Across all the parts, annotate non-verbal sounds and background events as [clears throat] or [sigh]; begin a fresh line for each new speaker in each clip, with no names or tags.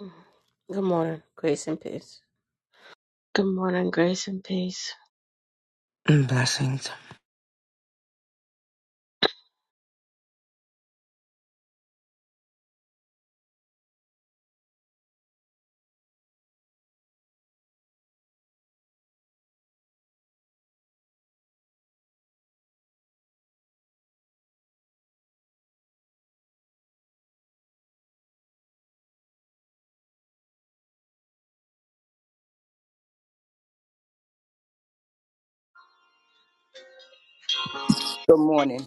Mm. Good morning, grace and peace. Good morning, grace and peace.
And Blessings.
Good morning.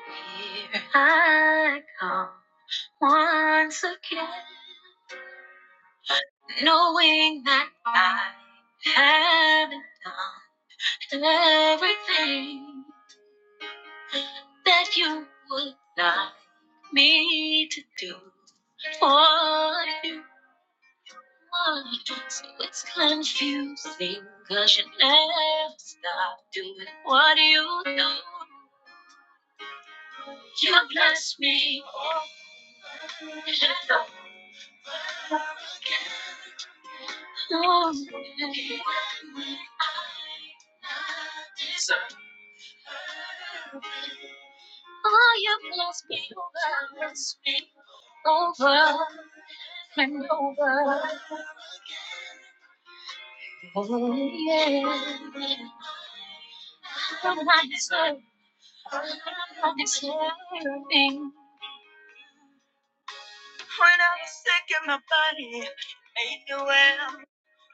Here I come once again, knowing that I haven't done everything that you would like me to do for you. So it's confusing, cause you never stop doing what you do. You bless me Oh, you've lost me over, lost me over and over. Yeah, I'm not deserving. I'm not deserving. When I was sick in my body, I knew I'm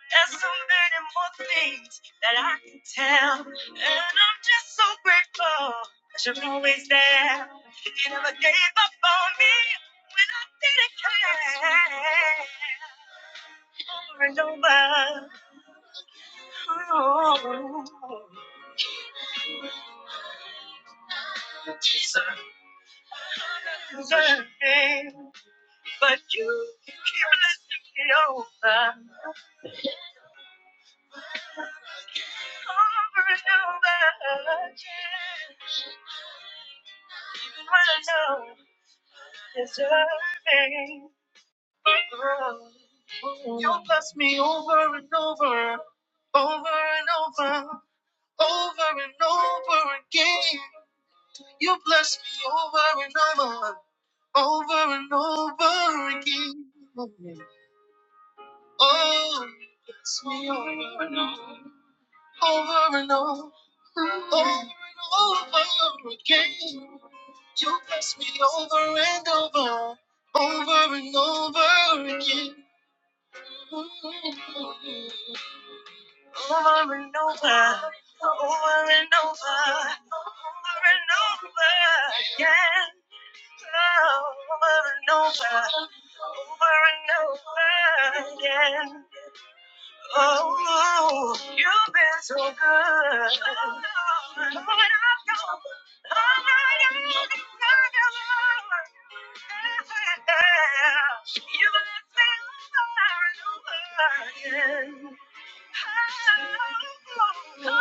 There's so many more things that I can tell. And I'm just so grateful that you're always there. You never gave up on me when I didn't care. Over and over. Oh. Deserving, but you keep letting me over. Over over and over again. Even when I know deserving wrong, You pass me over and over and over and over and over and over. Oh, pass me over and over over and over, over and over again. You pass me over and over, over and over again. over and over, over and over, over and over again. Over and over, over and over again. Oh, you've been so good. Over and over. over and over, over and over. You've been so over and over again. Over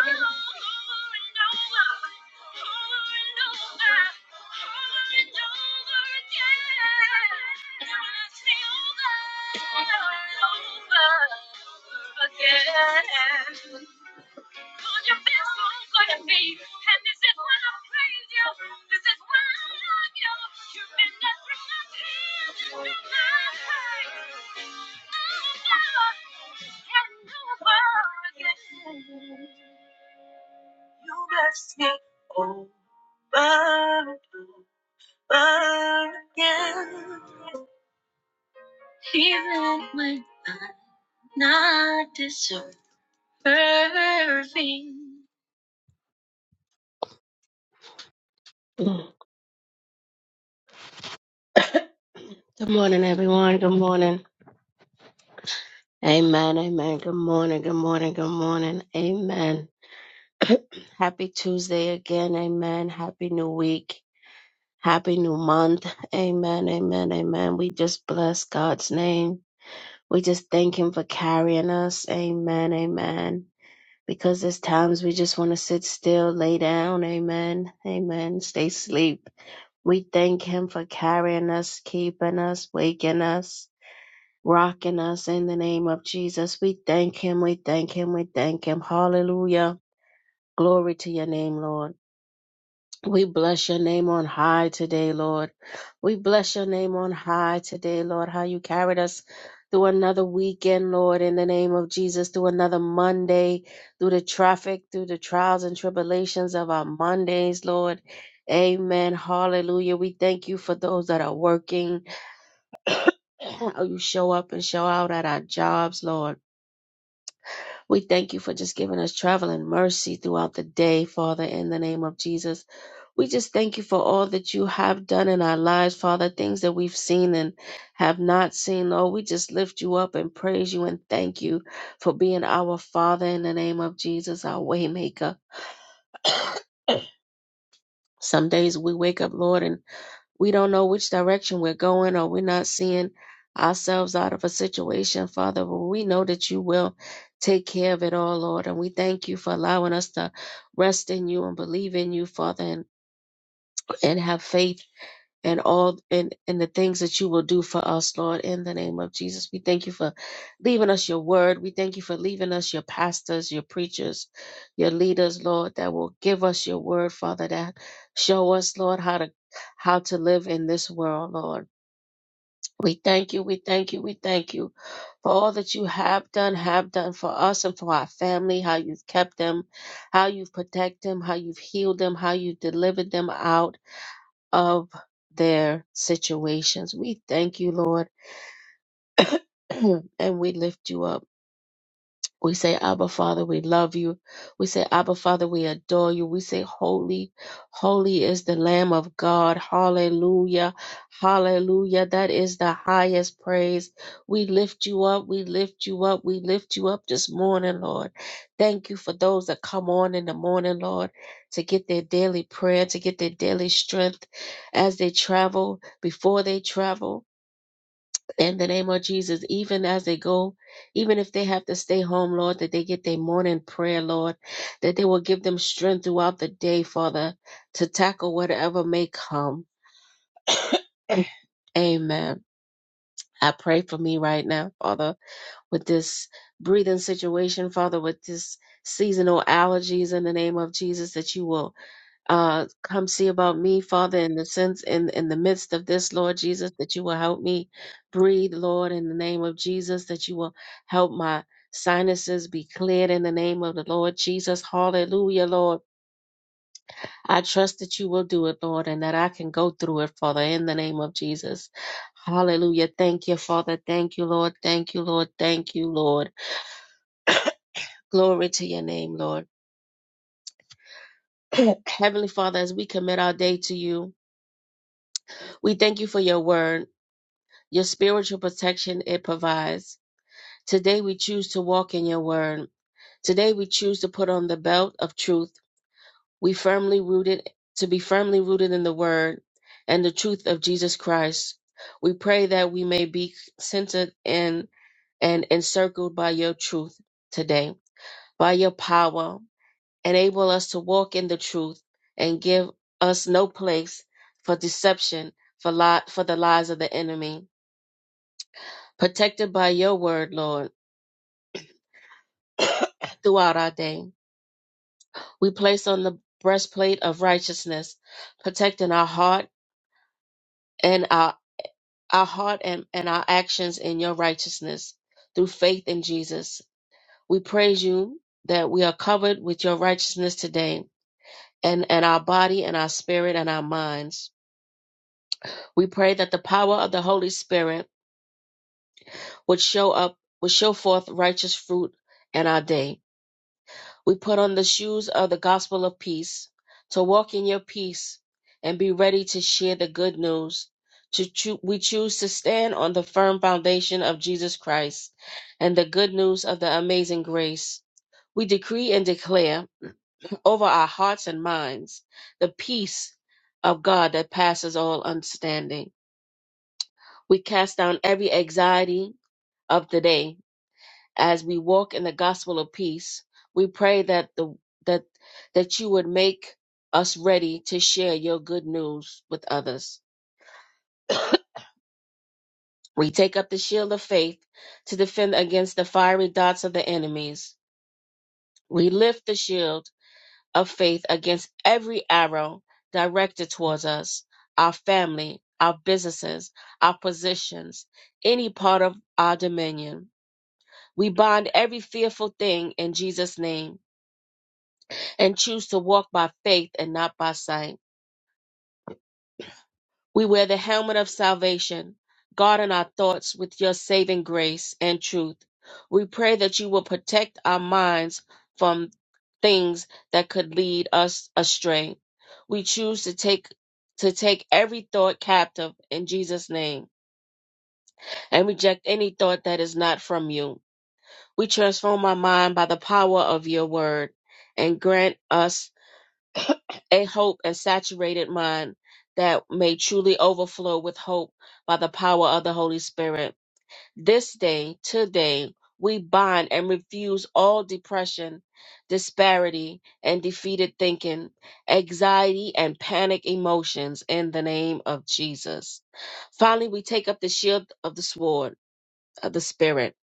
Again so Even when I'm not deserving. [clears throat] Good morning, everyone. Good morning. Amen, amen. Good morning, good morning, good morning. Amen. Happy Tuesday again. Amen. Happy new week. Happy new month. Amen, amen, amen. We just bless God's name. We just thank Him for carrying us. Amen, amen. Because there's times we just want to sit still, lay down. Amen, amen. Stay asleep. We thank Him for carrying us, keeping us, waking us rocking us in the name of Jesus. We thank him. We thank him. We thank him. Hallelujah. Glory to your name, Lord. We bless your name on high today, Lord. We bless your name on high today, Lord. How you carried us through another weekend, Lord, in the name of Jesus, through another Monday, through the traffic, through the trials and tribulations of our Mondays, Lord. Amen. Hallelujah. We thank you for those that are working, [clears throat] how you show up and show out at our jobs, Lord. We thank you for just giving us traveling mercy throughout the day, Father, in the name of Jesus. We just thank you for all that you have done in our lives, Father, things that we've seen and have not seen, Lord. We just lift you up and praise you and thank you for being our Father in the name of Jesus, our waymaker. [coughs] Some days we wake up, Lord, and we don't know which direction we're going or we're not seeing ourselves out of a situation, Father, but we know that you will take care of it all, Lord. And we thank you for allowing us to rest in you and believe in you, Father, and, and have faith and all and, and the things that you will do for us, Lord, in the name of Jesus. We thank you for leaving us your word. We thank you for leaving us your pastors, your preachers, your leaders, Lord, that will give us your word, Father, that show us, Lord, how to how to live in this world, Lord. We thank you, we thank you, we thank you for all that you have done, have done for us and for our family, how you've kept them, how you've protected them, how you've healed them, how you've delivered them out of their situations. We thank you, Lord, [clears throat] and we lift you up. We say, Abba Father, we love you. We say, Abba Father, we adore you. We say, Holy, holy is the Lamb of God. Hallelujah. Hallelujah. That is the highest praise. We lift you up. We lift you up. We lift you up this morning, Lord. Thank you for those that come on in the morning, Lord, to get their daily prayer, to get their daily strength as they travel, before they travel in the name of Jesus, even as they go, even if they have to stay home, Lord, that they get their morning prayer, Lord, that they will give them strength throughout the day, Father, to tackle whatever may come. Amen. I pray for me right now, Father, with this breathing situation, Father, with this seasonal allergies in the name of Jesus, that you will uh, come see about me, Father, in the sense in in the midst of this, Lord Jesus, that you will help me breathe, Lord, in the name of Jesus, that you will help my sinuses be cleared in the name of the Lord Jesus. Hallelujah, Lord. I trust that you will do it, Lord, and that I can go through it, Father, in the name of Jesus. Hallelujah. Thank you, Father. Thank you, Lord. Thank you, Lord. Thank you, Lord. Glory to your name, Lord. [clears throat] Heavenly Father, as we commit our day to you, we thank you for your word. your spiritual protection it provides. Today we choose to walk in your word. Today we choose to put on the belt of truth. We firmly rooted to be firmly rooted in the word and the truth of Jesus Christ. We pray that we may be centered in and encircled by your truth today, by your power. Enable us to walk in the truth and give us no place for deception, for, li- for the lies of the enemy. Protected by your word, Lord throughout our day. We place on the breastplate of righteousness, protecting our heart and our, our heart and, and our actions in your righteousness through faith in Jesus. We praise you that we are covered with your righteousness today. And, and our body and our spirit and our minds. We pray that the power of the Holy Spirit would show up, would show forth righteous fruit in our day. We put on the shoes of the gospel of peace to walk in your peace and be ready to share the good news. To choo- we choose to stand on the firm foundation of Jesus Christ and the good news of the amazing grace. We decree and declare [clears throat] over our hearts and minds the peace of God that passes all understanding. We cast down every anxiety of the day as we walk in the gospel of peace, we pray that the that that you would make us ready to share your good news with others. We take up the shield of faith to defend against the fiery darts of the enemies. We lift the shield of faith against every arrow directed towards us, our family, our businesses, our positions, any part of our dominion. We bind every fearful thing in Jesus' name and choose to walk by faith and not by sight. We wear the helmet of salvation. Guard in our thoughts with your saving grace and truth. We pray that you will protect our minds from things that could lead us astray. We choose to take to take every thought captive in Jesus' name and reject any thought that is not from you. We transform our mind by the power of your word and grant us a hope and saturated mind that may truly overflow with hope by the power of the Holy Spirit. This day, today, we bind and refuse all depression, disparity, and defeated thinking, anxiety, and panic emotions in the name of Jesus. Finally, we take up the shield of the sword of the Spirit,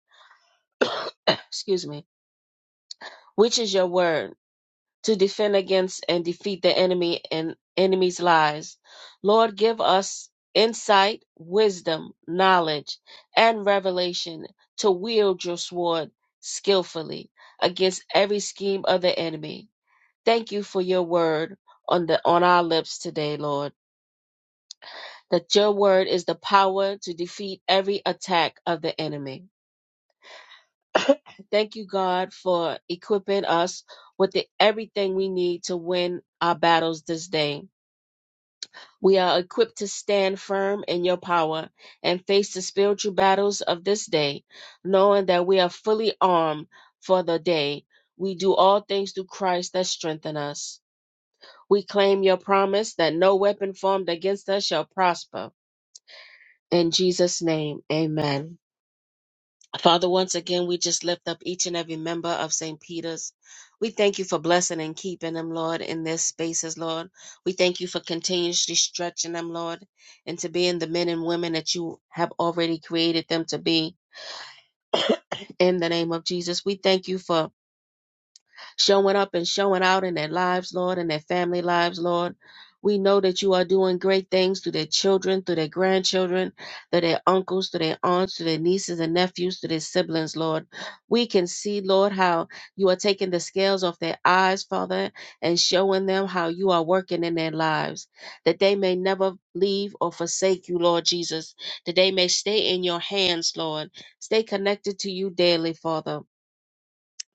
[coughs] excuse me, which is your word to defend against and defeat the enemy and enemy's lies. Lord, give us insight, wisdom, knowledge, and revelation to wield your sword skillfully against every scheme of the enemy. Thank you for your word on the on our lips today, Lord. That your word is the power to defeat every attack of the enemy. Thank you, God, for equipping us with the, everything we need to win our battles this day. We are equipped to stand firm in your power and face the spiritual battles of this day, knowing that we are fully armed for the day. We do all things through Christ that strengthen us. We claim your promise that no weapon formed against us shall prosper. In Jesus' name, amen. Father, once again, we just lift up each and every member of St. Peter's. We thank you for blessing and keeping them, Lord, in their spaces, Lord. We thank you for continuously stretching them, Lord, into being the men and women that you have already created them to be. In the name of Jesus, we thank you for showing up and showing out in their lives, Lord, in their family lives, Lord. We know that you are doing great things through their children, through their grandchildren, through their uncles, through their aunts, through their nieces and nephews, through their siblings, Lord. We can see, Lord, how you are taking the scales off their eyes, Father, and showing them how you are working in their lives, that they may never leave or forsake you, Lord Jesus, that they may stay in your hands, Lord. Stay connected to you daily, Father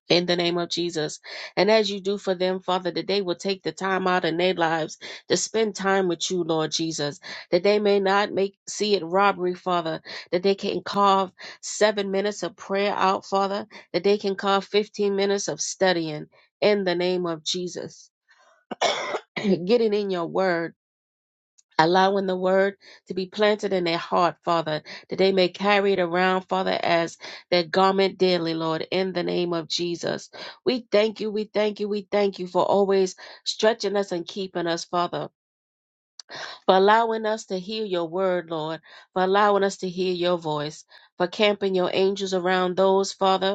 in the name of Jesus. And as you do for them, Father, that they will take the time out in their lives to spend time with you, Lord Jesus, that they may not make see it robbery, Father, that they can carve seven minutes of prayer out, Father, that they can carve 15 minutes of studying in the name of Jesus. [coughs] [clears throat] Getting in your word allowing the word to be planted in their heart, Father, that they may carry it around, Father, as their garment daily, Lord, in the name of Jesus. We thank you, we thank you, we thank you for always stretching us and keeping us, Father, for allowing us to hear your word, Lord, for allowing us to hear your voice, for camping your angels around those, Father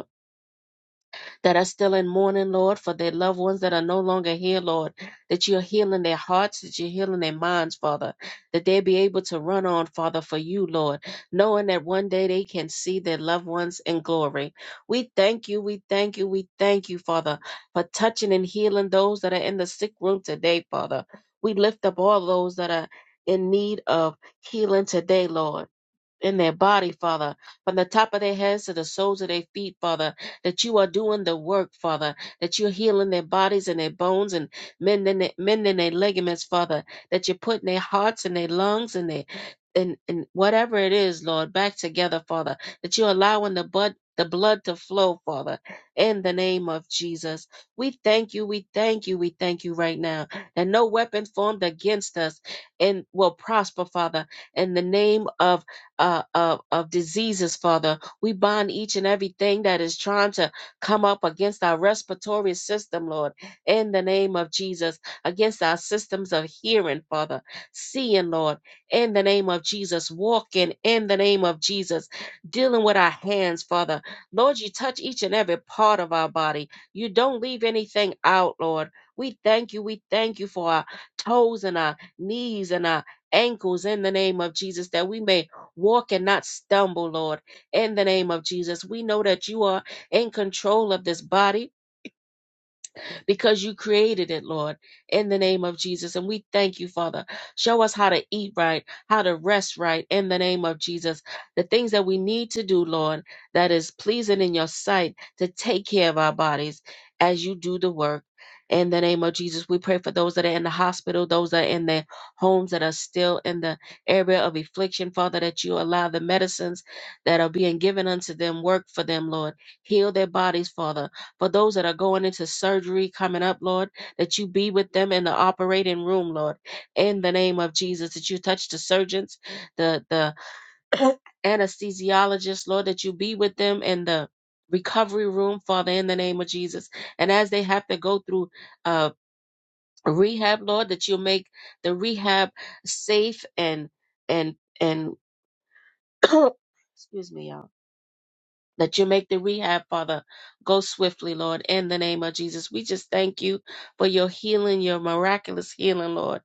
that are still in mourning, Lord, for their loved ones that are no longer here, Lord, that you're healing their hearts, that you're healing their minds, Father, that they be able to run on, Father, for you, Lord, knowing that one day they can see their loved ones in glory. We thank you, we thank you, we thank you, Father, for touching and healing those that are in the sick room today, Father. We lift up all those that are in need of healing today, Lord in their body, Father, from the top of their heads to the soles of their feet, Father, that you are doing the work, Father, that you're healing their bodies and their bones and mending, their- mending their ligaments, Father, that you're putting their hearts and their lungs and their and, and whatever it is, Lord, back together, Father, that you're allowing the blood the blood to flow, Father, in the name of Jesus. We thank you, we thank you, we thank you right now. And no weapon formed against us and will prosper, Father, in the name of uh, of, of diseases, Father. We bind each and everything that is trying to come up against our respiratory system, Lord, in the name of Jesus, against our systems of hearing, Father, seeing, Lord, in the name of Jesus, walking in the name of Jesus, dealing with our hands, Father. Lord, you touch each and every part of our body. You don't leave anything out, Lord. We thank you. We thank you for our toes and our knees and our ankles in the name of Jesus that we may walk and not stumble, Lord, in the name of Jesus. We know that you are in control of this body because you created it, Lord, in the name of Jesus. And we thank you, Father. Show us how to eat right, how to rest right, in the name of Jesus. The things that we need to do, Lord, that is pleasing in your sight to take care of our bodies as you do the work. In the name of Jesus, we pray for those that are in the hospital, those that are in their homes that are still in the area of affliction, Father, that you allow the medicines that are being given unto them work for them, Lord. Heal their bodies, Father for those that are going into surgery coming up, Lord, that you be with them in the operating room, Lord, in the name of Jesus, that you touch the surgeons, the the [coughs] [clears throat] anesthesiologists, Lord, that you be with them in the recovery room, Father, in the name of Jesus. And as they have to go through uh rehab, Lord, that you make the rehab safe and and and [coughs] [clears throat] excuse me, y'all that you make the rehab, Father, go swiftly, Lord, in the name of Jesus. We just thank you for your healing, your miraculous healing, Lord,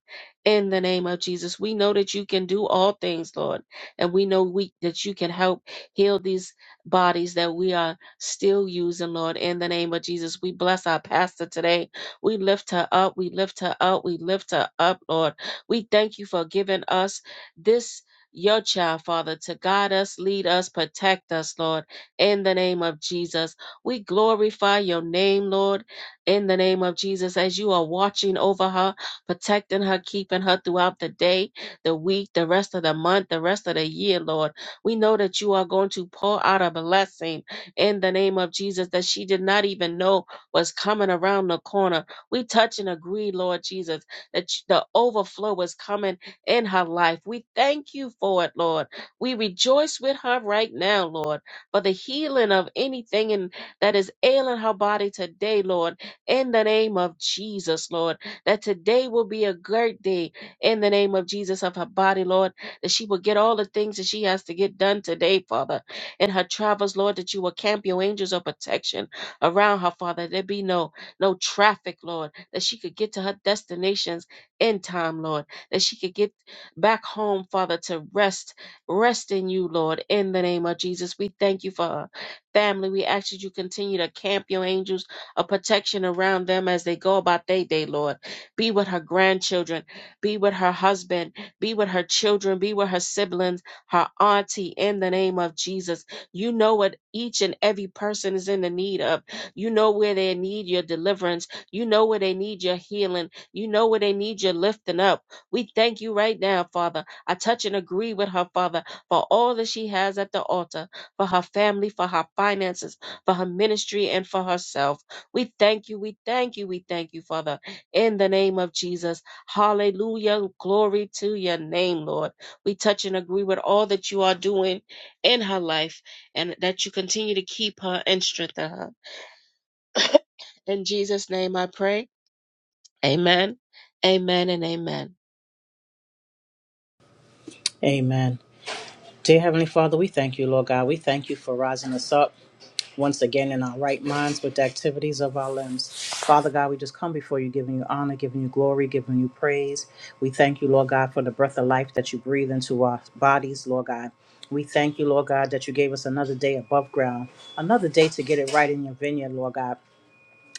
in the name of Jesus. We know that you can do all things, Lord, and we know we, that you can help heal these bodies that we are still using, Lord, in the name of Jesus. We bless our pastor today. We lift her up. We lift her up. We lift her up, Lord. We thank you for giving us this. Your child, Father, to guide us, lead us, protect us, Lord in the name of Jesus. We glorify your name, Lord, in the name of Jesus, as you are watching over her, protecting her, keeping her throughout the day, the week, the rest of the month, the rest of the year, Lord. We know that you are going to pour out a blessing in the name of Jesus that she did not even know was coming around the corner. We touch and agree, Lord Jesus, that you- the overflow is coming in her life. We thank you for it, Lord. We rejoice with her right now, Lord for the healing of anything in, that is ailing her body today, Lord, in the name of Jesus, Lord. That today will be a great day in the name of Jesus of her body, Lord. That she will get all the things that she has to get done today, Father. In her travels, Lord, that you will camp your angels of protection around her, Father. There be no no traffic, Lord. That she could get to her destinations in time, Lord. That she could get back home, Father, to rest Rest in you, Lord, in the name of Jesus. We thank you for her family. We ask that you continue to camp your angels of protection around them as they go about their day, Lord. Be with her grandchildren, be with her husband, be with her children, be with her siblings, her auntie, in the name of Jesus. You know what each and every person is in the need of. You know where they need your deliverance. You know where they need your healing. You know where they need your lifting up. We thank you right now, Father I touch and agree with her, Father, for all that she has at the altar, for her family, for her finances, for her ministry, and for herself. We thank you, we thank you, we thank you, Father, in the name of Jesus. Hallelujah. Glory to your name, Lord. We touch and agree with all that you are doing in her life and that you continue to keep her and strengthen her. In Jesus' name I pray. Amen, amen, and amen.
Amen. Dear Heavenly Father, we thank you, Lord God. We thank you for rising us up once again in our right minds with the activities of our limbs. Father God, we just come before you, giving you honor, giving you glory, giving you praise. We thank you, Lord God, for the breath of life that you breathe into our bodies, Lord God. We thank you, Lord God, that you gave us another day above ground, another day to get it right in your vineyard, Lord God.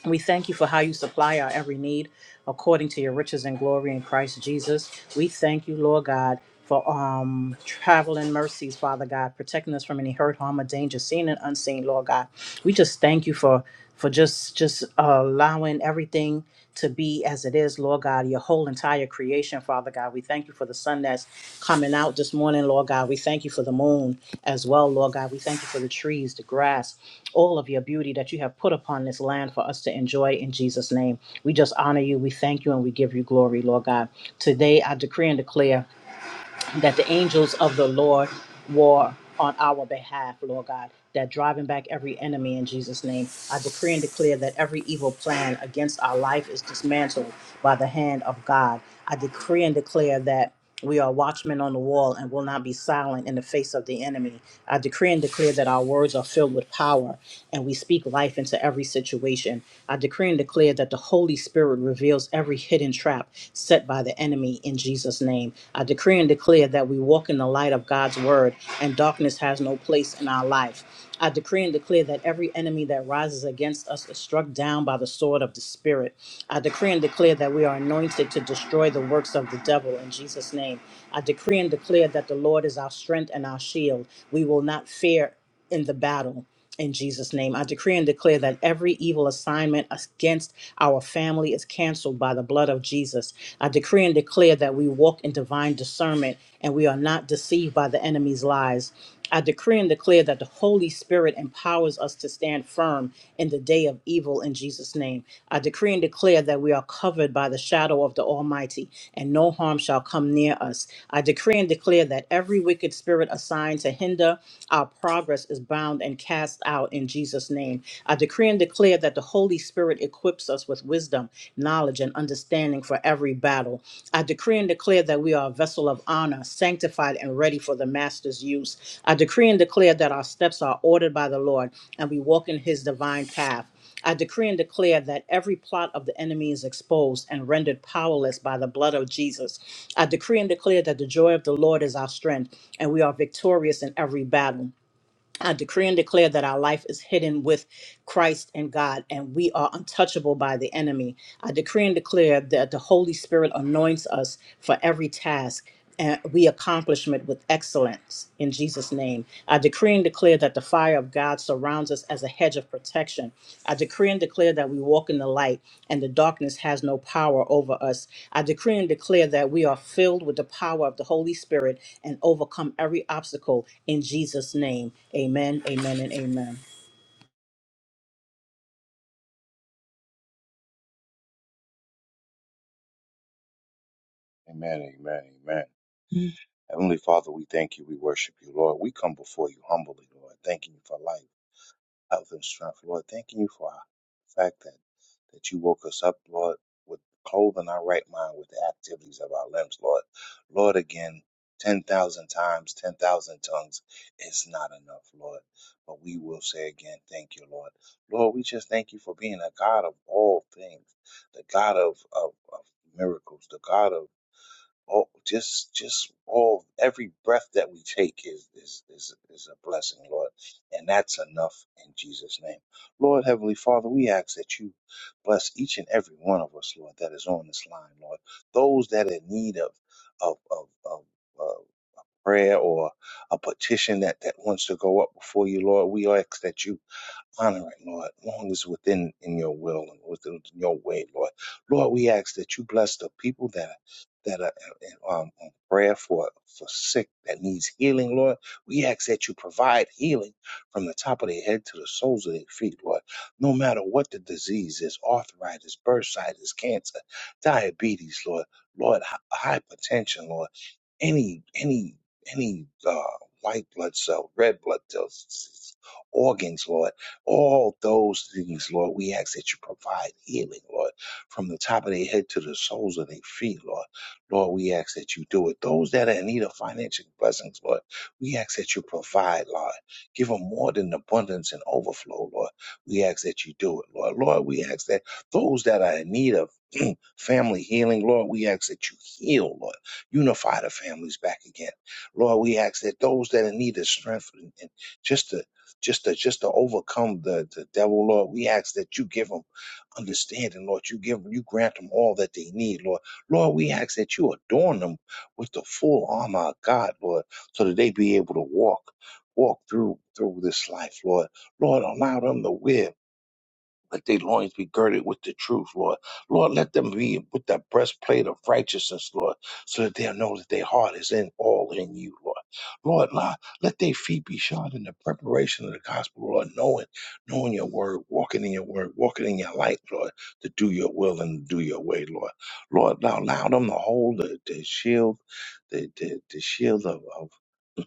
We thank you for how you supply our every need according to your riches and glory in Christ Jesus. We thank you, Lord God, for um traveling mercies, Father God, protecting us from any hurt, harm, or danger, seen and unseen, Lord God. We just thank you for for just just uh, allowing everything to be as it is, Lord God, your whole entire creation, Father God. We thank you for the sun that's coming out this morning, Lord God. We thank you for the moon as well, Lord God. We thank you for the trees, the grass all of your beauty that you have put upon this land for us to enjoy in Jesus' name. We just honor you, we thank you, and we give you glory, Lord God. Today I decree and declare that the angels of the Lord war on our behalf, Lord God. That driving back every enemy in Jesus' name. I decree and declare that every evil plan against our life is dismantled by the hand of God. I decree and declare that we are watchmen on the wall and will not be silent in the face of the enemy. I decree and declare that our words are filled with power and we speak life into every situation. I decree and declare that the Holy Spirit reveals every hidden trap set by the enemy in Jesus' name. I decree and declare that we walk in the light of God's word and darkness has no place in our life. I decree and declare that every enemy that rises against us is struck down by the sword of the Spirit. I decree and declare that we are anointed to destroy the works of the devil in Jesus' name. I decree and declare that the Lord is our strength and our shield. We will not fear in the battle. In Jesus' name, I decree and declare that every evil assignment against our family is canceled by the blood of Jesus. I decree and declare that we walk in divine discernment and we are not deceived by the enemy's lies. I decree and declare that the Holy Spirit empowers us to stand firm in the day of evil in Jesus' name. I decree and declare that we are covered by the shadow of the Almighty, and no harm shall come near us. I decree and declare that every wicked spirit assigned to hinder our progress is bound and cast out in Jesus' name. I decree and declare that the Holy Spirit equips us with wisdom, knowledge, knowledge and understanding for every battle. I decree and declare that we are a vessel of honor, sanctified and ready for the Master's use. I decree and declare that our steps are ordered by the Lord and we walk in His divine path. I decree and declare that every plot of the enemy is exposed and rendered powerless by the blood of Jesus. I decree and declare that the joy of the Lord is our strength and we are victorious in every battle. I decree and declare that our life is hidden with Christ and God, and we are untouchable by the enemy. I decree and declare that the Holy Spirit anoints us for every task. And we accomplishment with excellence in Jesus' name. I decree and declare that the fire fire of God surrounds us as a hedge of protection. I decree and declare that we walk in the light and the darkness has no power over us. I decree and declare that we are filled with the power of the Holy Spirit and overcome every obstacle in Jesus' name. Amen, amen, and amen.
Amen, amen, amen. Heavenly Father, we thank you. We worship you, Lord. We come before you humbly, Lord, thanking you for life, health, and strength, Lord. Thanking you for the fact that, that you woke us up, Lord, with clothing our right mind, with the activities of our limbs, Lord. Lord, again, 10,000 times, 10,000 tongues is not enough, Lord. But we will say again, thank you, Lord. Lord, we just thank you for being a God of all things, the God of, of, of miracles, the God of Oh, just, just all every breath that we take is is is is a blessing, Lord, and that's enough in Jesus' name, Lord Heavenly Father. We ask that you bless each and every one of us, Lord, that is on this line, Lord. Those that are in need of of of, of uh, prayer or a petition that that wants to go up before you, Lord, we ask that you honoring, Lord, long as within in your will and within your way, Lord. Lord, we ask that you bless the people that are that are uh, um, on prayer for for sick that needs healing, Lord. We ask that you provide healing from the top of their head to the soles of their feet, Lord. No matter what the disease is, arthritis, bursitis, cancer, diabetes, Lord, Lord, hy- hypertension, Lord any any any uh, white blood cell, red blood cells, organs, Lord all those things, Lord, we ask that you provide healing, Lord, from the top of their head to the soles of their feet, Lord. Lord, we ask that you do it. Those that are in need of financial blessings, Lord, we ask that you provide, Lord. Give them more than abundance and overflow, Lord. We ask that you do it, Lord. Lord, we ask that those that are in need of family healing. Lord, we ask that you heal, Lord. Unify the families back again. Lord, we ask that those that are needed strength and, and just to just to just to overcome the, the devil, Lord, we ask that you give them understanding, Lord. You give you grant them all that they need, Lord. Lord, we ask that you adorn them with the full armor of God, Lord, so that they be able to walk, walk through through this life, Lord. Lord, allow them to wear. Let their loins be girded with the truth, Lord. Lord, let them be with that breastplate of righteousness, Lord, so that they'll know that their heart is in all in you, Lord. Lord, Lord, let their feet be shod in the preparation of the gospel, Lord, knowing, knowing your word, walking in your word, walking in your light, Lord, to do your will and to do your way, Lord. Lord, now allow them to hold the, the shield, the, the, the shield of, of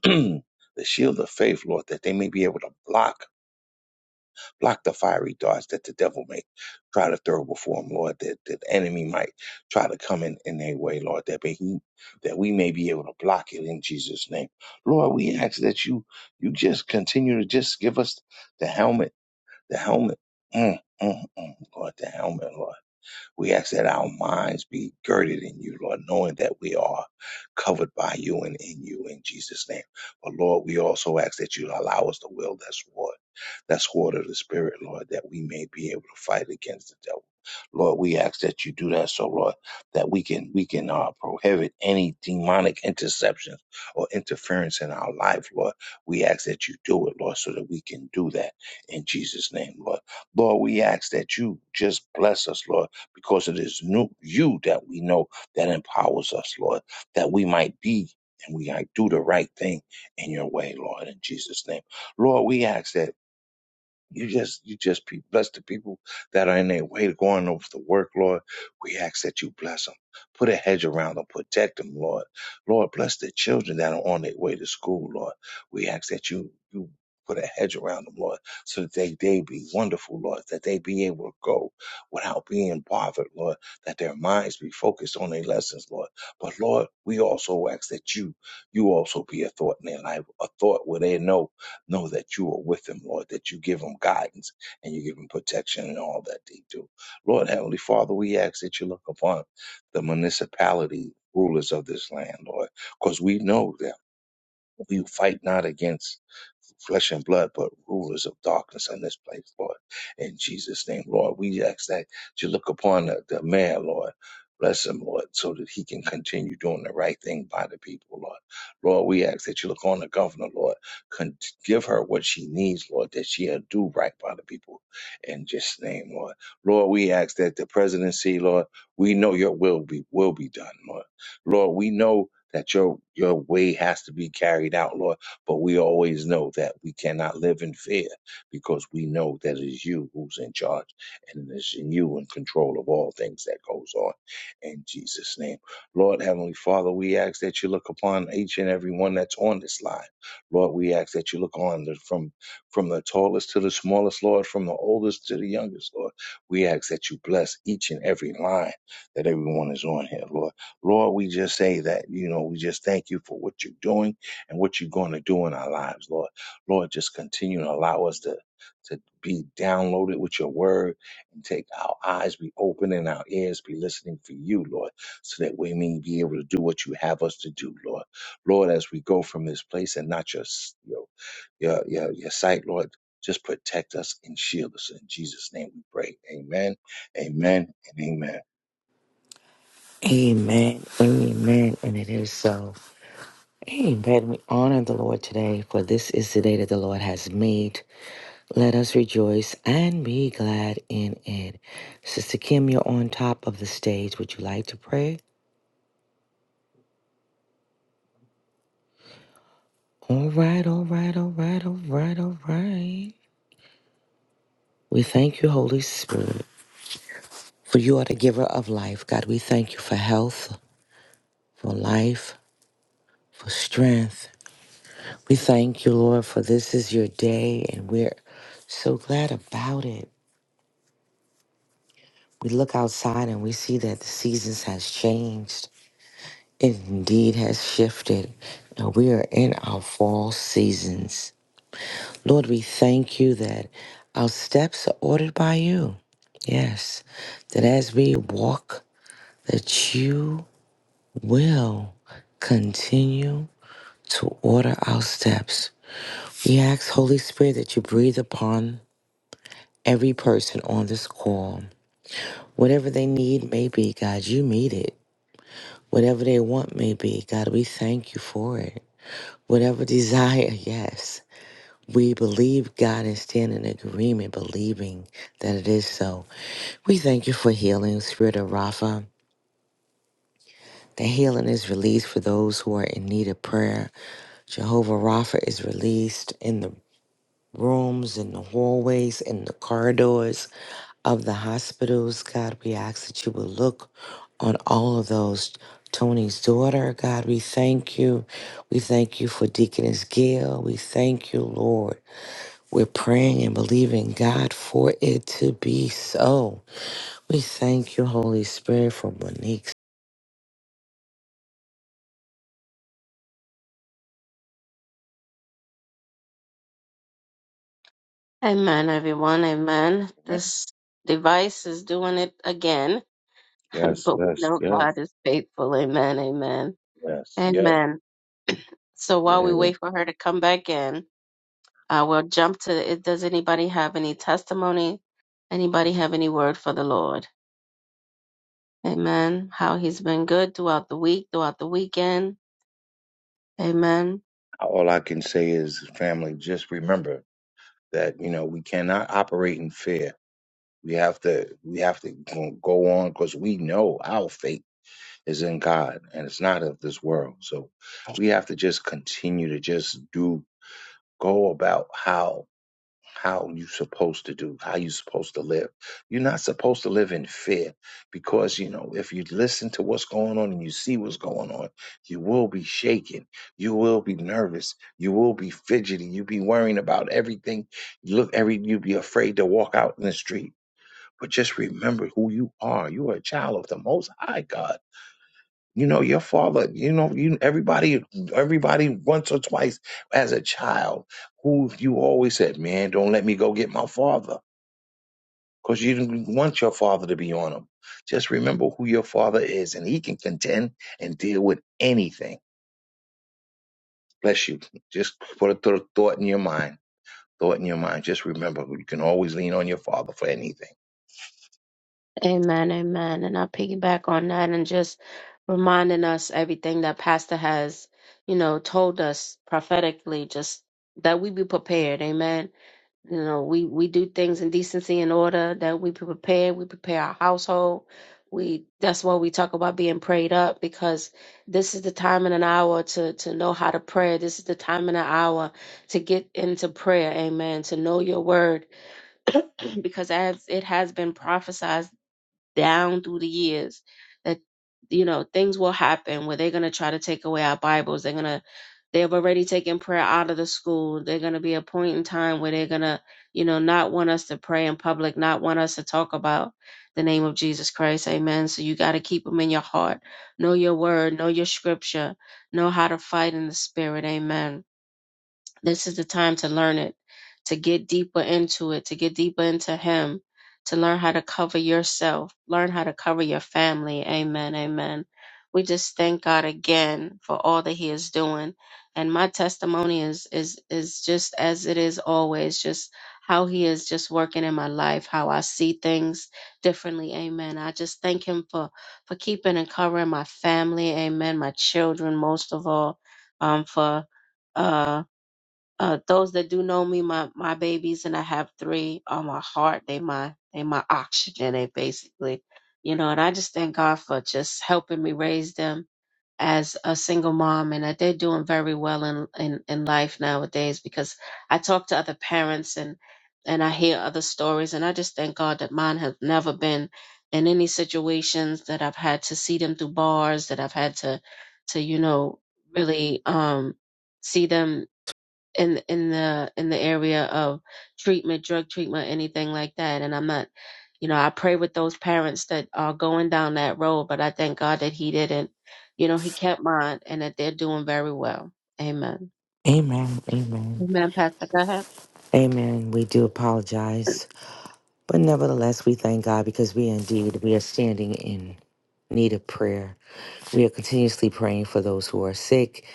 [clears throat] the shield of faith, Lord, that they may be able to block Block the fiery darts that the devil may try to throw before him, Lord, that, that the enemy might try to come in, in their way, Lord, that may he that we may be able to block it in Jesus' name. Lord, we ask that you you just continue to just give us the helmet, the helmet. Mm, mm, mm, Lord, the helmet, Lord we ask that our minds be girded in you, Lord, knowing that we are covered by you and in you in Jesus' name. But Lord, we also ask that you allow us the will that's war, that's sword of the Spirit, Lord, that we may be able to fight against the devil. Lord, we ask that you do that so, Lord, that we can we can uh, prohibit any demonic interceptions or interference in our life, Lord. We ask that you do it, Lord, so that we can do that in Jesus' name, Lord. Lord, we ask that you just bless us, Lord because it is new, you that we know that empowers us, Lord, that we might be and we might do the right thing in your way, Lord, in Jesus' name. Lord, we ask that you just you just pe- bless the people that are in their way to going over the work, Lord. We ask that you bless them. Put a hedge around them, protect them, Lord. Lord, bless the children that are on their way to school, Lord. We ask that you you put a hedge around them, Lord, so that they, they be wonderful, Lord, that they be able to go without being bothered, Lord, that their minds be focused on their lessons, Lord. But Lord, we also ask that you you also be a thought in their life, a thought where they know know that you are with them, Lord, that you give them guidance and you give them protection in all that they do. Lord, Heavenly Father, we ask that you look upon the municipality rulers of this land, Lord, because we know that we fight not against flesh and blood, but rulers of darkness in this place, Lord. In Jesus' name, Lord, we ask that you look upon the, the man, Lord. Bless him, Lord, so that he can continue doing the right thing by the people, Lord. Lord, we ask that you look on the governor, Lord. Con- give her what she needs, Lord, that she'll do right by the people. In Jesus name, Lord. Lord, we ask that the presidency, Lord, we know your will be will be done, Lord. Lord, we know that your your way has to be carried out, Lord but we always know that we cannot live in fear because we know that it is you who's in charge and it is in you in control of all things that goes on. In Jesus' name. Lord Heavenly Father, we ask that you look upon each and every one that's on this line. Lord, we ask that you look on the, from from the tallest to the smallest, Lord, from the oldest to the youngest, Lord. We ask that you bless each and every line that everyone is on here, Lord. Lord, we just say that, you know, we just thank you for what you're doing and what you're going to do in our lives, Lord. Lord, just continue to allow us to, to be downloaded with your word and take our eyes be open and our ears be listening for you, Lord, so that we may be able to do what you have us to do, Lord. Lord, as we go from this place and not your, your, your, your, your sight, Lord, just protect us and shield us. In Jesus' name we pray. Amen, amen, and amen.
Amen. Amen. And it is so. Amen. We honor the Lord today, for this is the day that the Lord has made. Let us rejoice and be glad in it. Sister Kim, you're on top of the stage. Would you like to pray? All right, all right, all right, all right, all right. We thank you, Holy Spirit, for you are the giver of life. God, we thank you for health, for life, for strength. We thank you, Lord, for this is your day, and we're so glad about it. We look outside and we see that the seasons has changed. It indeed has shifted, and we are in our fall seasons. Lord, we thank you that our steps are ordered by you. Yes, that as we walk, that you will continue to order our steps. We ask, Holy Spirit, that you breathe upon every person on this call. Whatever they need may be, God, you meet it. Whatever they want may be, God, we thank you for it. Whatever desire, yes. We believe God and stand in agreement, believing that it is so. We thank you for healing, Spirit of Rapha. The healing is released for those who are in need of prayer. Jehovah Rapha is released in the rooms, in the hallways, in the corridors of the hospitals. God, we ask that you will look on all of those. Tony's daughter, God, we thank you. We thank you for Deaconess Gail. We thank you, Lord. We're praying and believing, God, for it to be so. We thank you, Holy Spirit, for Monique's.
Amen, everyone. Amen.
Amen.
This device is doing it again, [laughs]
Yes,
but we
yes,
know
yes,
God is faithful. Amen. Amen.
yes, yes,
Amen. So
yes.
while we wait for her to come back in, uh, we'll jump to it. Does anybody have any testimony? Anybody have any word for the Lord? Amen. How he's been good throughout the week, throughout the weekend. Amen.
All I can say is, family, just remember that you know we cannot operate in fear. We have to we have to go go on because we know our fate is in God and it's not of this world. So we have to just continue to just do go about how how you supposed to do, how you supposed to live. You're not supposed to live in fear because, you know, if you listen to what's going on and you see what's going on, you will be shaken. You will be nervous. You will be fidgety. You'll be worrying about everything. You look every, you'll be afraid to walk out in the street. But just remember who you are. You are a child of the most high God you know, your father, you know, you everybody everybody once or twice as a child who you always said, Man, don't let me go get my father. Because you didn't want your father to be on him. Just remember who your father is, and he can contend and deal with anything. Bless you. Just put a th- thought in your mind Thought in your mind, just remember you can always lean on your Father for anything.
Amen, amen. And I'll piggyback on that and just reminding us everything that Pastor has, you know, told us prophetically, just that we be prepared. Amen. You know, we, we do things in decency and order, that we be prepared, we prepare our household. We that's why we talk about being prayed up because this is the time and an hour to to know how to pray. This is the time and an hour to get into prayer, amen, to know your word. [clears throat] Because as it has been prophesied down through the years that you know things will happen where they're going to try to take away our bibles they're going to they've already taken prayer out of the school they're going to be a point in time where they're going to you know not want us to pray in public not want us to talk about the name of jesus christ amen so you got to keep them in your heart know your word know your scripture know how to fight in the spirit amen this is the time to learn it, to get deeper into it, to get deeper into Him, to learn how to cover yourself, learn how to cover your family. Amen. Amen. We just thank God again for all that He is doing. And my testimony is is is just as it is always, just how He is just working in my life, how I see things differently. Amen. I just thank Him for for keeping and covering my family. Amen. My children, most of all, um, for. Uh, uh, those that do know me, my my babies, and I have three on my heart. They my they my oxygen. They basically, you know, and I just thank God for just helping me raise them as a single mom, and that they're doing very well in in in life nowadays. Because I talk to other parents and and I hear other stories, and I just thank God that mine have never been in any situations that I've had to see them through bars, that I've had to to you know really um see them in in the in the area of treatment, drug treatment, anything like that. And I'm not, you know, I pray with those parents that are going down that road, but I thank God that He didn't, you know, He kept mine and that they're doing very well. Amen.
Amen. Amen.
Amen, Pastor. Go ahead.
Amen. We do apologize But nevertheless, we thank God because we indeed we are standing in need of prayer. We are continuously praying for those who are sick,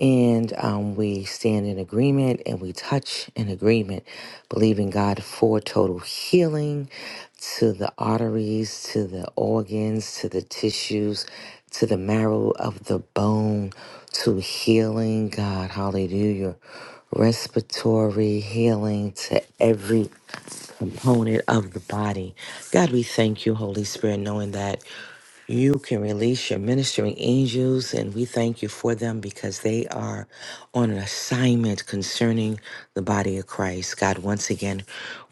and um, we stand in agreement and we touch in agreement, believing God for total healing to the arteries, to the organs, to the tissues, to the marrow of the bone, to healing. God, hallelujah. Respiratory healing to every component of the body. God, we thank you, Holy Spirit, knowing that you can release your ministering angels, and we thank you for them because they are on an assignment concerning the body of Christ. God, once again,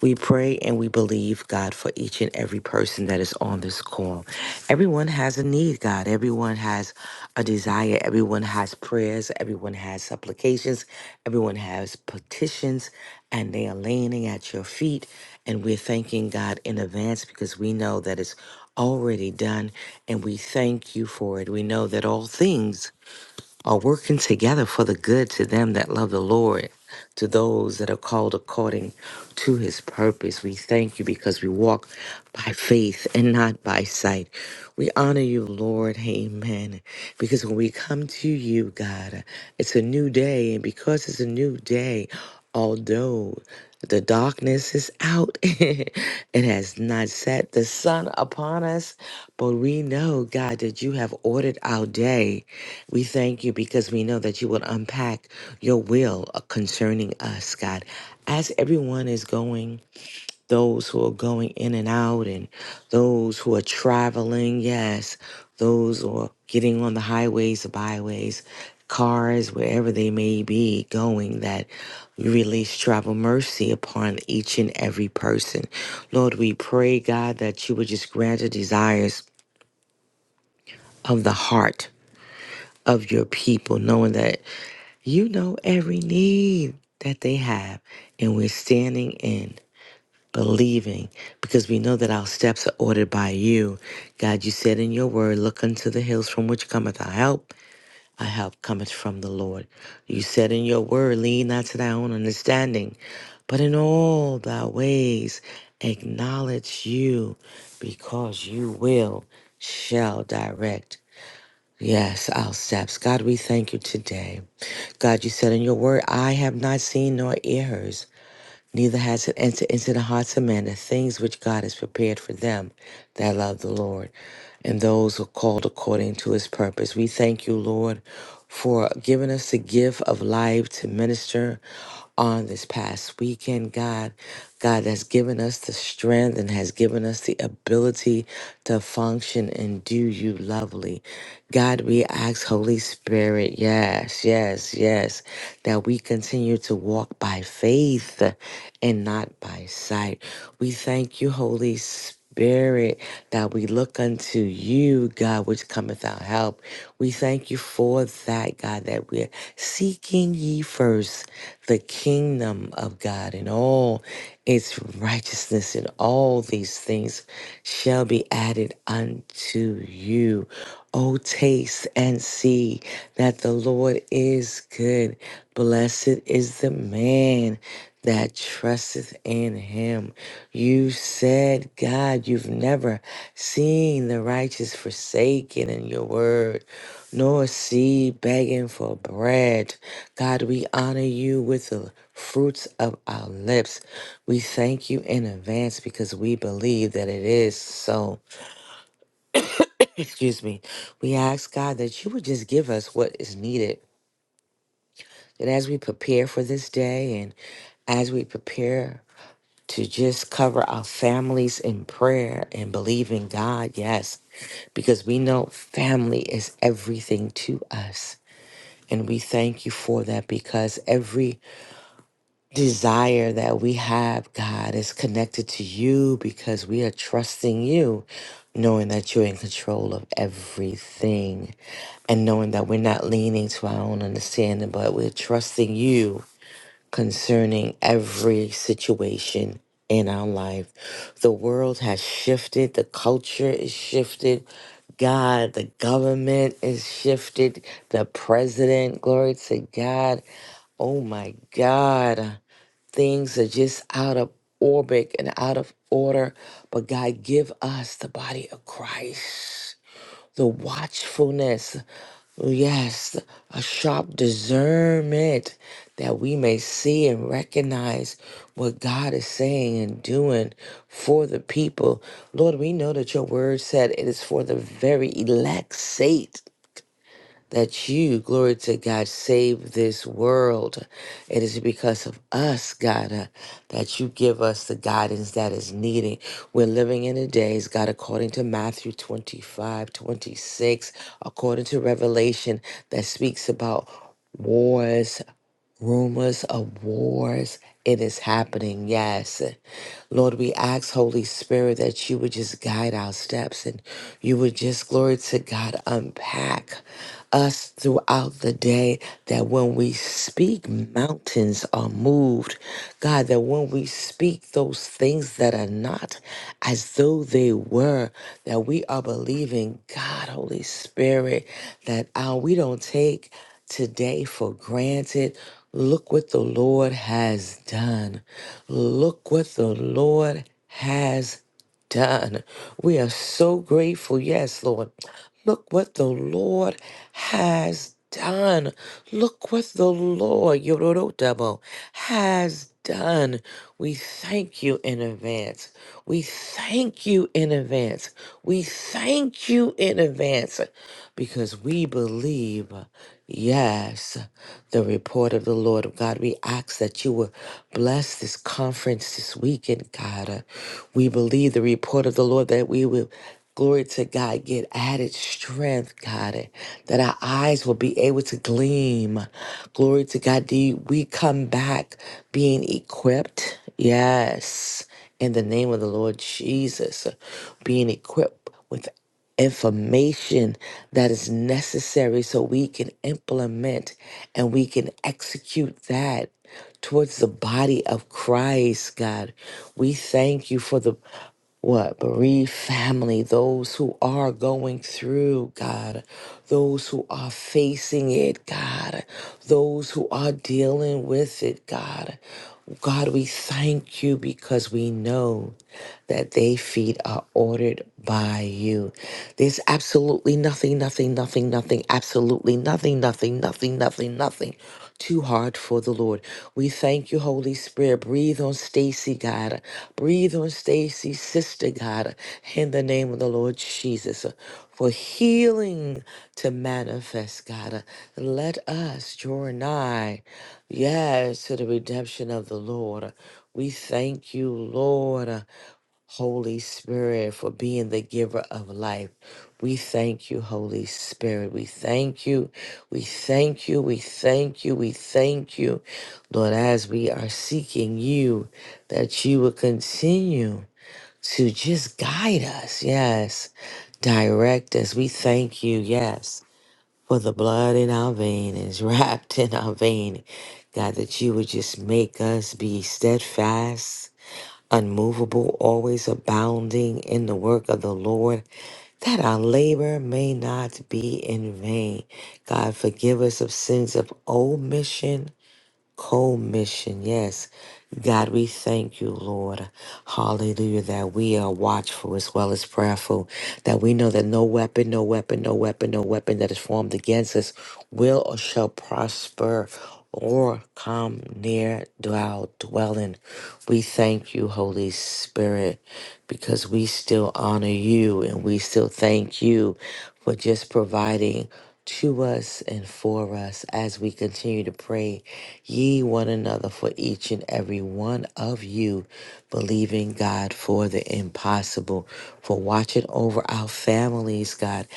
we pray and we believe, God, for each and every person that is on this call. Everyone has a need, God. Everyone has a desire. Everyone has prayers. Everyone has supplications. Everyone has petitions, and they are laying it at your feet. And we're thanking God in advance because we know that it's already done and we thank you for it. We know that all things are working together for the good to them that love the Lord, to those that are called according to his purpose. We thank you because we walk by faith and not by sight. We honor you, Lord. Amen. Because when we come to you, God, it's a new day. And because it's a new day, although the darkness is out. [laughs] it has not set the sun upon us, but we know, God, that you have ordered our day. We thank you because we know that you will unpack your will concerning us, God. As everyone is going those who are going in and out and those who are traveling, yes, those who are getting on the highways or byways, cars, wherever they may be going, that you release travel mercy upon each and every person. Lord, we pray, God, that you would just grant the desires of the heart of your people, knowing that you know every need that they have, and we're standing in. believing because we know that our steps are ordered by you. God, you said in your word, Look unto the hills from which cometh our help. Our help cometh from the Lord. You said in your word, Lean not to thy own understanding, but in all thy ways acknowledge you because you will, shall direct. Yes, our steps. God, we thank you today. God, you said in your word, I have not seen nor ear heard neither has it entered into the hearts of men the things which God has prepared for them that love the Lord and those who are called according to his purpose. We thank you, Lord, for giving us the gift of life to minister on this past weekend, God. God has given us the strength and has given us the ability to function and do you lovely. God, we ask, Holy Spirit, yes. Yes, yes, yes. That we continue to walk by faith and not by sight. We thank you, Holy Spirit, that we look unto you, God, which cometh our help. We thank you for that, God, that we're seeking ye first the kingdom of God and all its righteousness and all these things shall be added unto you. Oh, taste and see that the Lord is good. Blessed is the man that trusteth in him. You said, God, you've never seen the righteous forsaken in your word, nor see begging for bread. God, we honor you with the fruits of our lips. We thank you in advance because we believe that it is so excuse me, we ask God that you would just give us what is needed. That as we prepare for this day and as we prepare to just cover our families in prayer and believe in God, yes, because we know family is everything to us. And we thank you for that because every desire that we have, God, is connected to you because we are trusting you, knowing that you're in control of everything and knowing that we're not leaning to our own understanding, but we're trusting you concerning every situation in our life. The world has shifted, the culture is shifted. God, the government is shifted, the president, glory to God. Oh my God things are just out of orbit and out of order. But God, give us the body of Christ, the watchfulness, yes, a sharp discernment that we may see and recognize what God is saying and doing for the people. Lord, we know that your word said it is for the very elect's sake that you, glory to God, save this world. It is because of us, God, uh, that you give us the guidance that is needed. We're living in the days, God, according to Matthew 25, 26, according to Revelation that speaks about wars, rumors of wars. It is happening, yes. Lord, we ask, Holy Spirit, that you would just guide our steps and you would just, glory to God, unpack us throughout the day. That when we speak, mountains are moved. God, that when we speak those things that are not as though they were, that we are believing, God, Holy Spirit, that uh, we don't take today for granted. Look what the Lord has done. Look what the Lord has done. We are so grateful. Yes, Lord. Look what the Lord has done. Look what the Lord Yorodotabo, has done. We thank you in advance. We thank you in advance. We thank you in advance because we believe, yes, the report of the Lord of God. We ask that you will bless this conference this weekend, God. Uh, We believe the report of the Lord that we will. Glory to God. Get added strength, God, that our eyes will be able to gleam. Glory to God. Do we come back being equipped? Yes. In the name of the Lord Jesus, being equipped with information that is necessary so we can implement and we can execute that towards the body of Christ, God. We thank you for the what bereaved family, those who are going through, God, those who are facing it, God, those who are dealing with it, God. God, we thank you because we know that they feet are ordered by you. There's absolutely nothing, nothing, nothing, nothing, absolutely nothing, nothing, nothing, nothing, nothing too hard for the Lord. We thank you, Holy Spirit. Breathe on Stacy, God. Breathe on Stacy's sister, God, in the name of the Lord Jesus. For healing to manifest, God. Let us draw nigh, yes, to the redemption of the Lord. We thank you, Lord. Holy Spirit, for being the giver of life. We thank you, Holy Spirit. We thank you. We thank you. We thank you. We thank you, Lord, as we are seeking you, that you will continue to just guide us. Yes. Direct us. We thank you. Yes. For the blood in our vein is [laughs] wrapped in our vein. God, that you would just make us be steadfast unmovable, always abounding in the work of the Lord, that our labor may not be in vain. God, forgive us of sins of omission Commission, yes. God, we thank you, Lord. Hallelujah, that we are watchful as well as prayerful, that we know that no weapon, no weapon, no weapon, no weapon that is formed against us will or shall prosper or come near our dwelling. We thank you, Holy Spirit, because we still honor you and we still thank you for just providing to us and for us as we continue to pray ye one another for each and every one of you, believing God for the impossible, for watching over our families, God,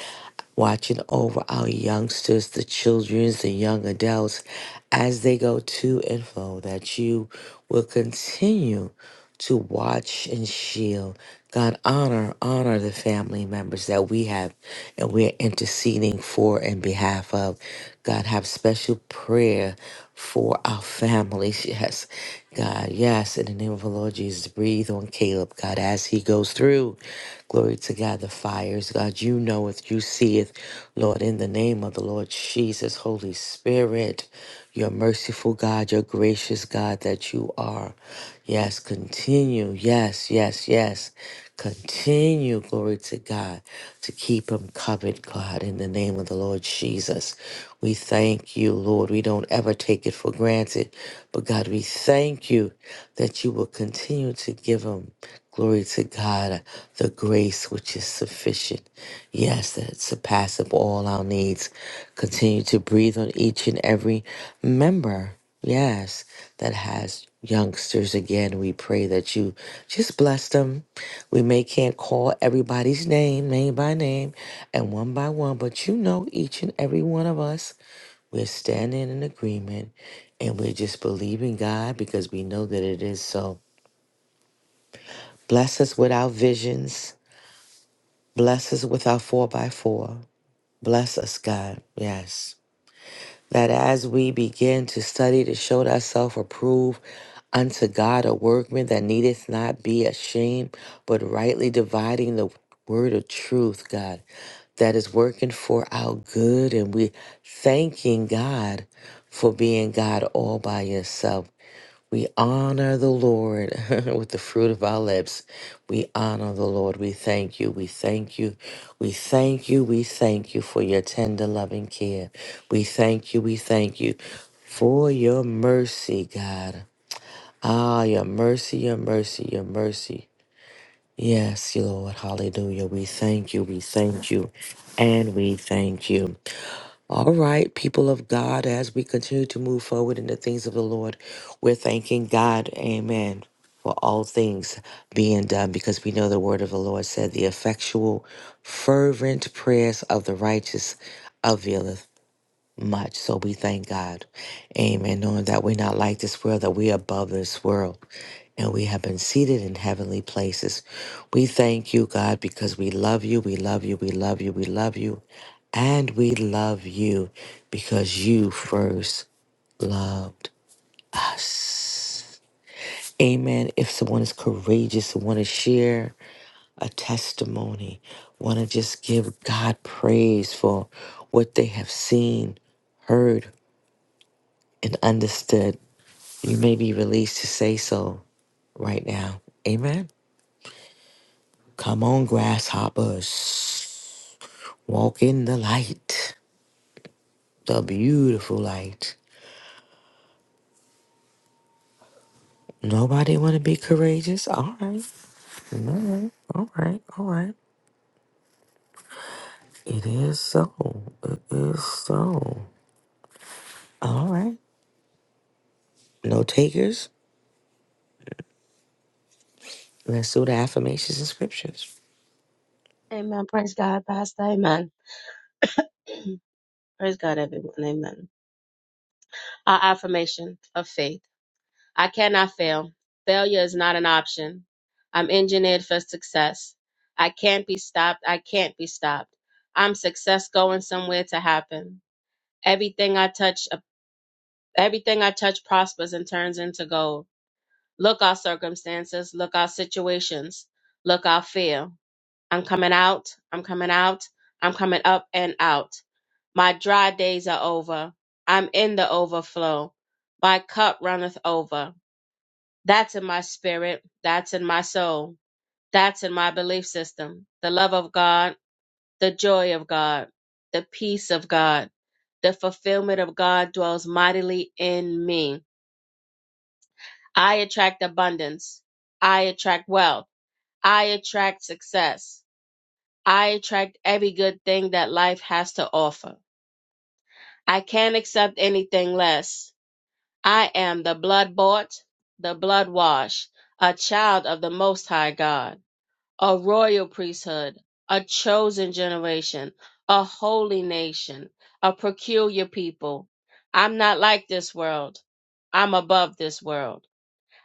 watching over our youngsters, the childrens, the young adults as they go to and fro, that you will continue to watch and shield. God, honor, honor the family members that we have and we're interceding for and behalf of. God, have special prayer for our families. [laughs] Yes, God, yes, in the name of the Lord Jesus, breathe on Caleb, God, as he goes through. Glory to God, the fires. God, you knoweth, you seeth, Lord, in the name of the Lord Jesus, Holy Spirit your merciful God, your gracious God that you are. Yes, continue. Yes, yes, yes. Continue, glory to God, to keep him covered, God, in the name of the Lord Jesus. We thank you, Lord. We don't ever take it for granted, but God, we thank you that you will continue to give him. Glory to God, the grace which is sufficient. Yes, that surpasses all our needs. Continue to breathe on each and every member. Yes, that has youngsters again. We pray that you just bless them. We may can't call everybody's name, name by name, and one by one, but you know each and every one of us. We're standing in agreement and we're just believing God because we know that it is so. Bless us with our visions. Bless us with our four by four. Bless us, God. Yes. That as we begin to study to show thyself approved unto God, a workman that needeth not be ashamed, but rightly dividing the word of truth, God, that is working for our good. And we thanking God for being God all by yourself. We honor the Lord [laughs] with the fruit of our lips. We honor the Lord. We thank you. We thank you. We thank you. We thank you for your tender, loving care. We thank you. We thank you for your mercy, God. Ah, your mercy, your mercy, your mercy. Yes, Lord. Hallelujah. We thank you. We thank you. And we thank you. All right, people of God, as we continue to move forward in the things of the Lord, we're thanking God, amen, for all things being done because we know the word of the Lord said, The effectual, fervent prayers of the righteous availeth much. So we thank God. Amen. Knowing that we're not like this world, that we're above this world. And we have been seated in heavenly places. We thank you, God, because we love you. We love you. We love you. We love you. And we love you because you first loved us. Amen. If someone is courageous and want to share a testimony, want to just give God praise for what they have seen, heard, and understood. You may be released to say so right now. Amen. Come on, grasshoppers. Walk in the light, the beautiful light. Nobody want to be courageous? All right. All right. All right. It is so. It is so. All right. No takers? Let's do the affirmations and scriptures.
Amen. Praise God, Pastor. Amen. [clears throat] Praise God, everyone. Amen. Our affirmation of faith. I cannot fail. Failure is not an option. I'm engineered for success. I can't be stopped. I can't be stopped. I'm success going somewhere to happen. Everything I touch, uh, everything I touch prospers and turns into gold. Look our circumstances. Look our situations. Look our fear. I'm coming out. I'm coming out. I'm coming up and out. My dry days are over. I'm in the overflow. My cup runneth over. That's in my spirit. That's in my soul. That's in my belief system. The love of God, the joy of God, the peace of God, the fulfillment of God dwells mightily in me. I attract abundance. I attract wealth. I attract success. I attract every good thing that life has to offer. I can't accept anything less. I am the blood bought, the blood washed, a child of the Most High God, a royal priesthood, a chosen generation, a holy nation, a peculiar people. I'm not like this world. I'm above this world.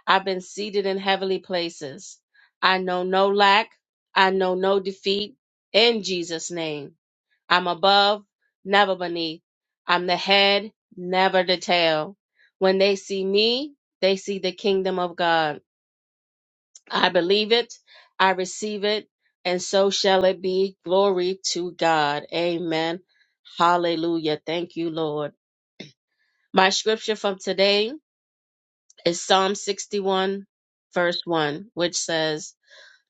I've been seated in heavenly places. I know no lack. I know no defeat in Jesus' name. I'm above, never beneath. I'm the head, never the tail. When they see me, they see the kingdom of God. I believe it, I receive it, and so shall it be. Glory to God. Amen. Hallelujah. Thank you, Lord. My scripture from today is Psalm 61, verse 1, which says,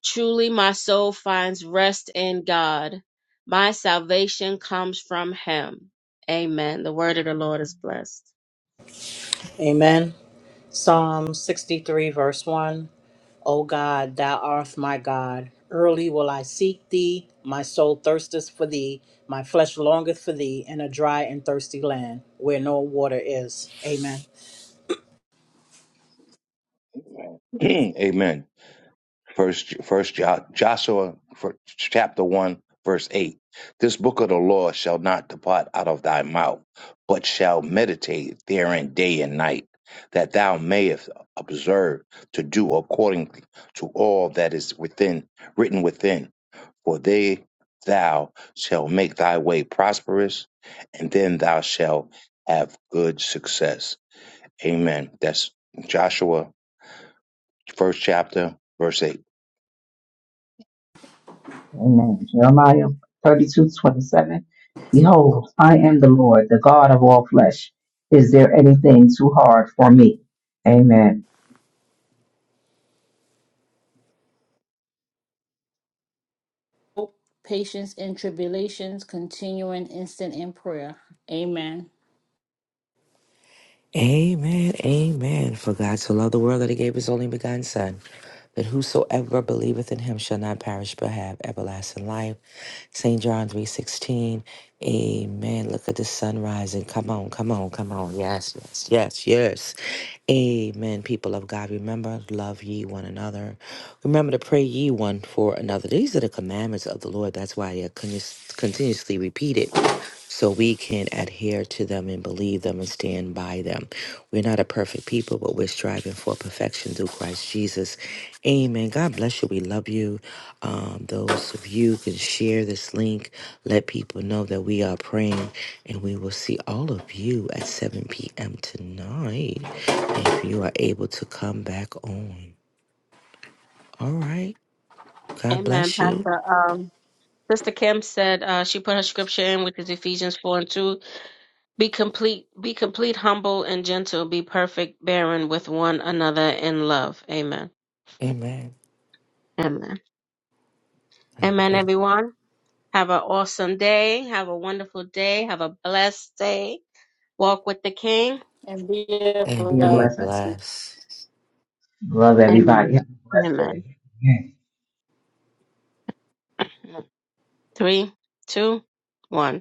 Truly my soul finds rest in God. My salvation comes from him. Amen. The word of the Lord is blessed.
Amen. Psalm 63, verse 1. O God, thou art my God. Early will I seek thee. My soul thirsteth for thee. My flesh longeth for thee in a dry and thirsty land where no water is. Amen.
[clears throat] Amen. First, first Jo- Joshua, fir- chapter one, verse eight. This book of the law shall not depart out of thy mouth, but shall meditate therein day and night, that thou mayest observe to do according to all that is within written within. For they thou shalt make thy way prosperous, and then thou shalt have good success. Amen. That's Joshua, first chapter, verse eight.
Amen. Jeremiah 32 27. Behold, I am the Lord, the God of all flesh. Is there anything too hard for me? Amen.
hope, patience in tribulations, continuing instant in prayer. Amen.
Amen, amen. For God so loved the world that he gave his only begotten Son, that whosoever believeth in him shall not perish but have everlasting life. St. John 3.16, amen. Look at the sun rising. Come on, come on, come on. Yes, yes, yes, yes. Amen, people of God. Remember, love ye one another. Remember to pray ye one for another. These are the commandments of the Lord. That's why they're continuous- continuously repeated so we can adhere to them and believe them and stand by them. We're not a perfect people, but we're striving for perfection through Christ Jesus. Amen. God bless you. We love you. Um, those of you can share this link. Let people know that we are praying, and we will see all of you at 7 p.m. tonight if you are able to come back on. All right. God
Amen.
bless you.
Pastor um Sister Kim said uh, she put her scripture in, which is Ephesians four and two. Be complete, be complete, humble and gentle, be perfect, bearing with one another in love. Amen.
Amen.
Amen. Amen,
And
everyone. Have an awesome day. Have a wonderful day. Have a blessed day. Walk with the King.
And be
and
Be a
be a
blessing.
blessed.
blast.
Love everybody. Have
Amen.
a blessed
Amen.
day.
Three, two, one.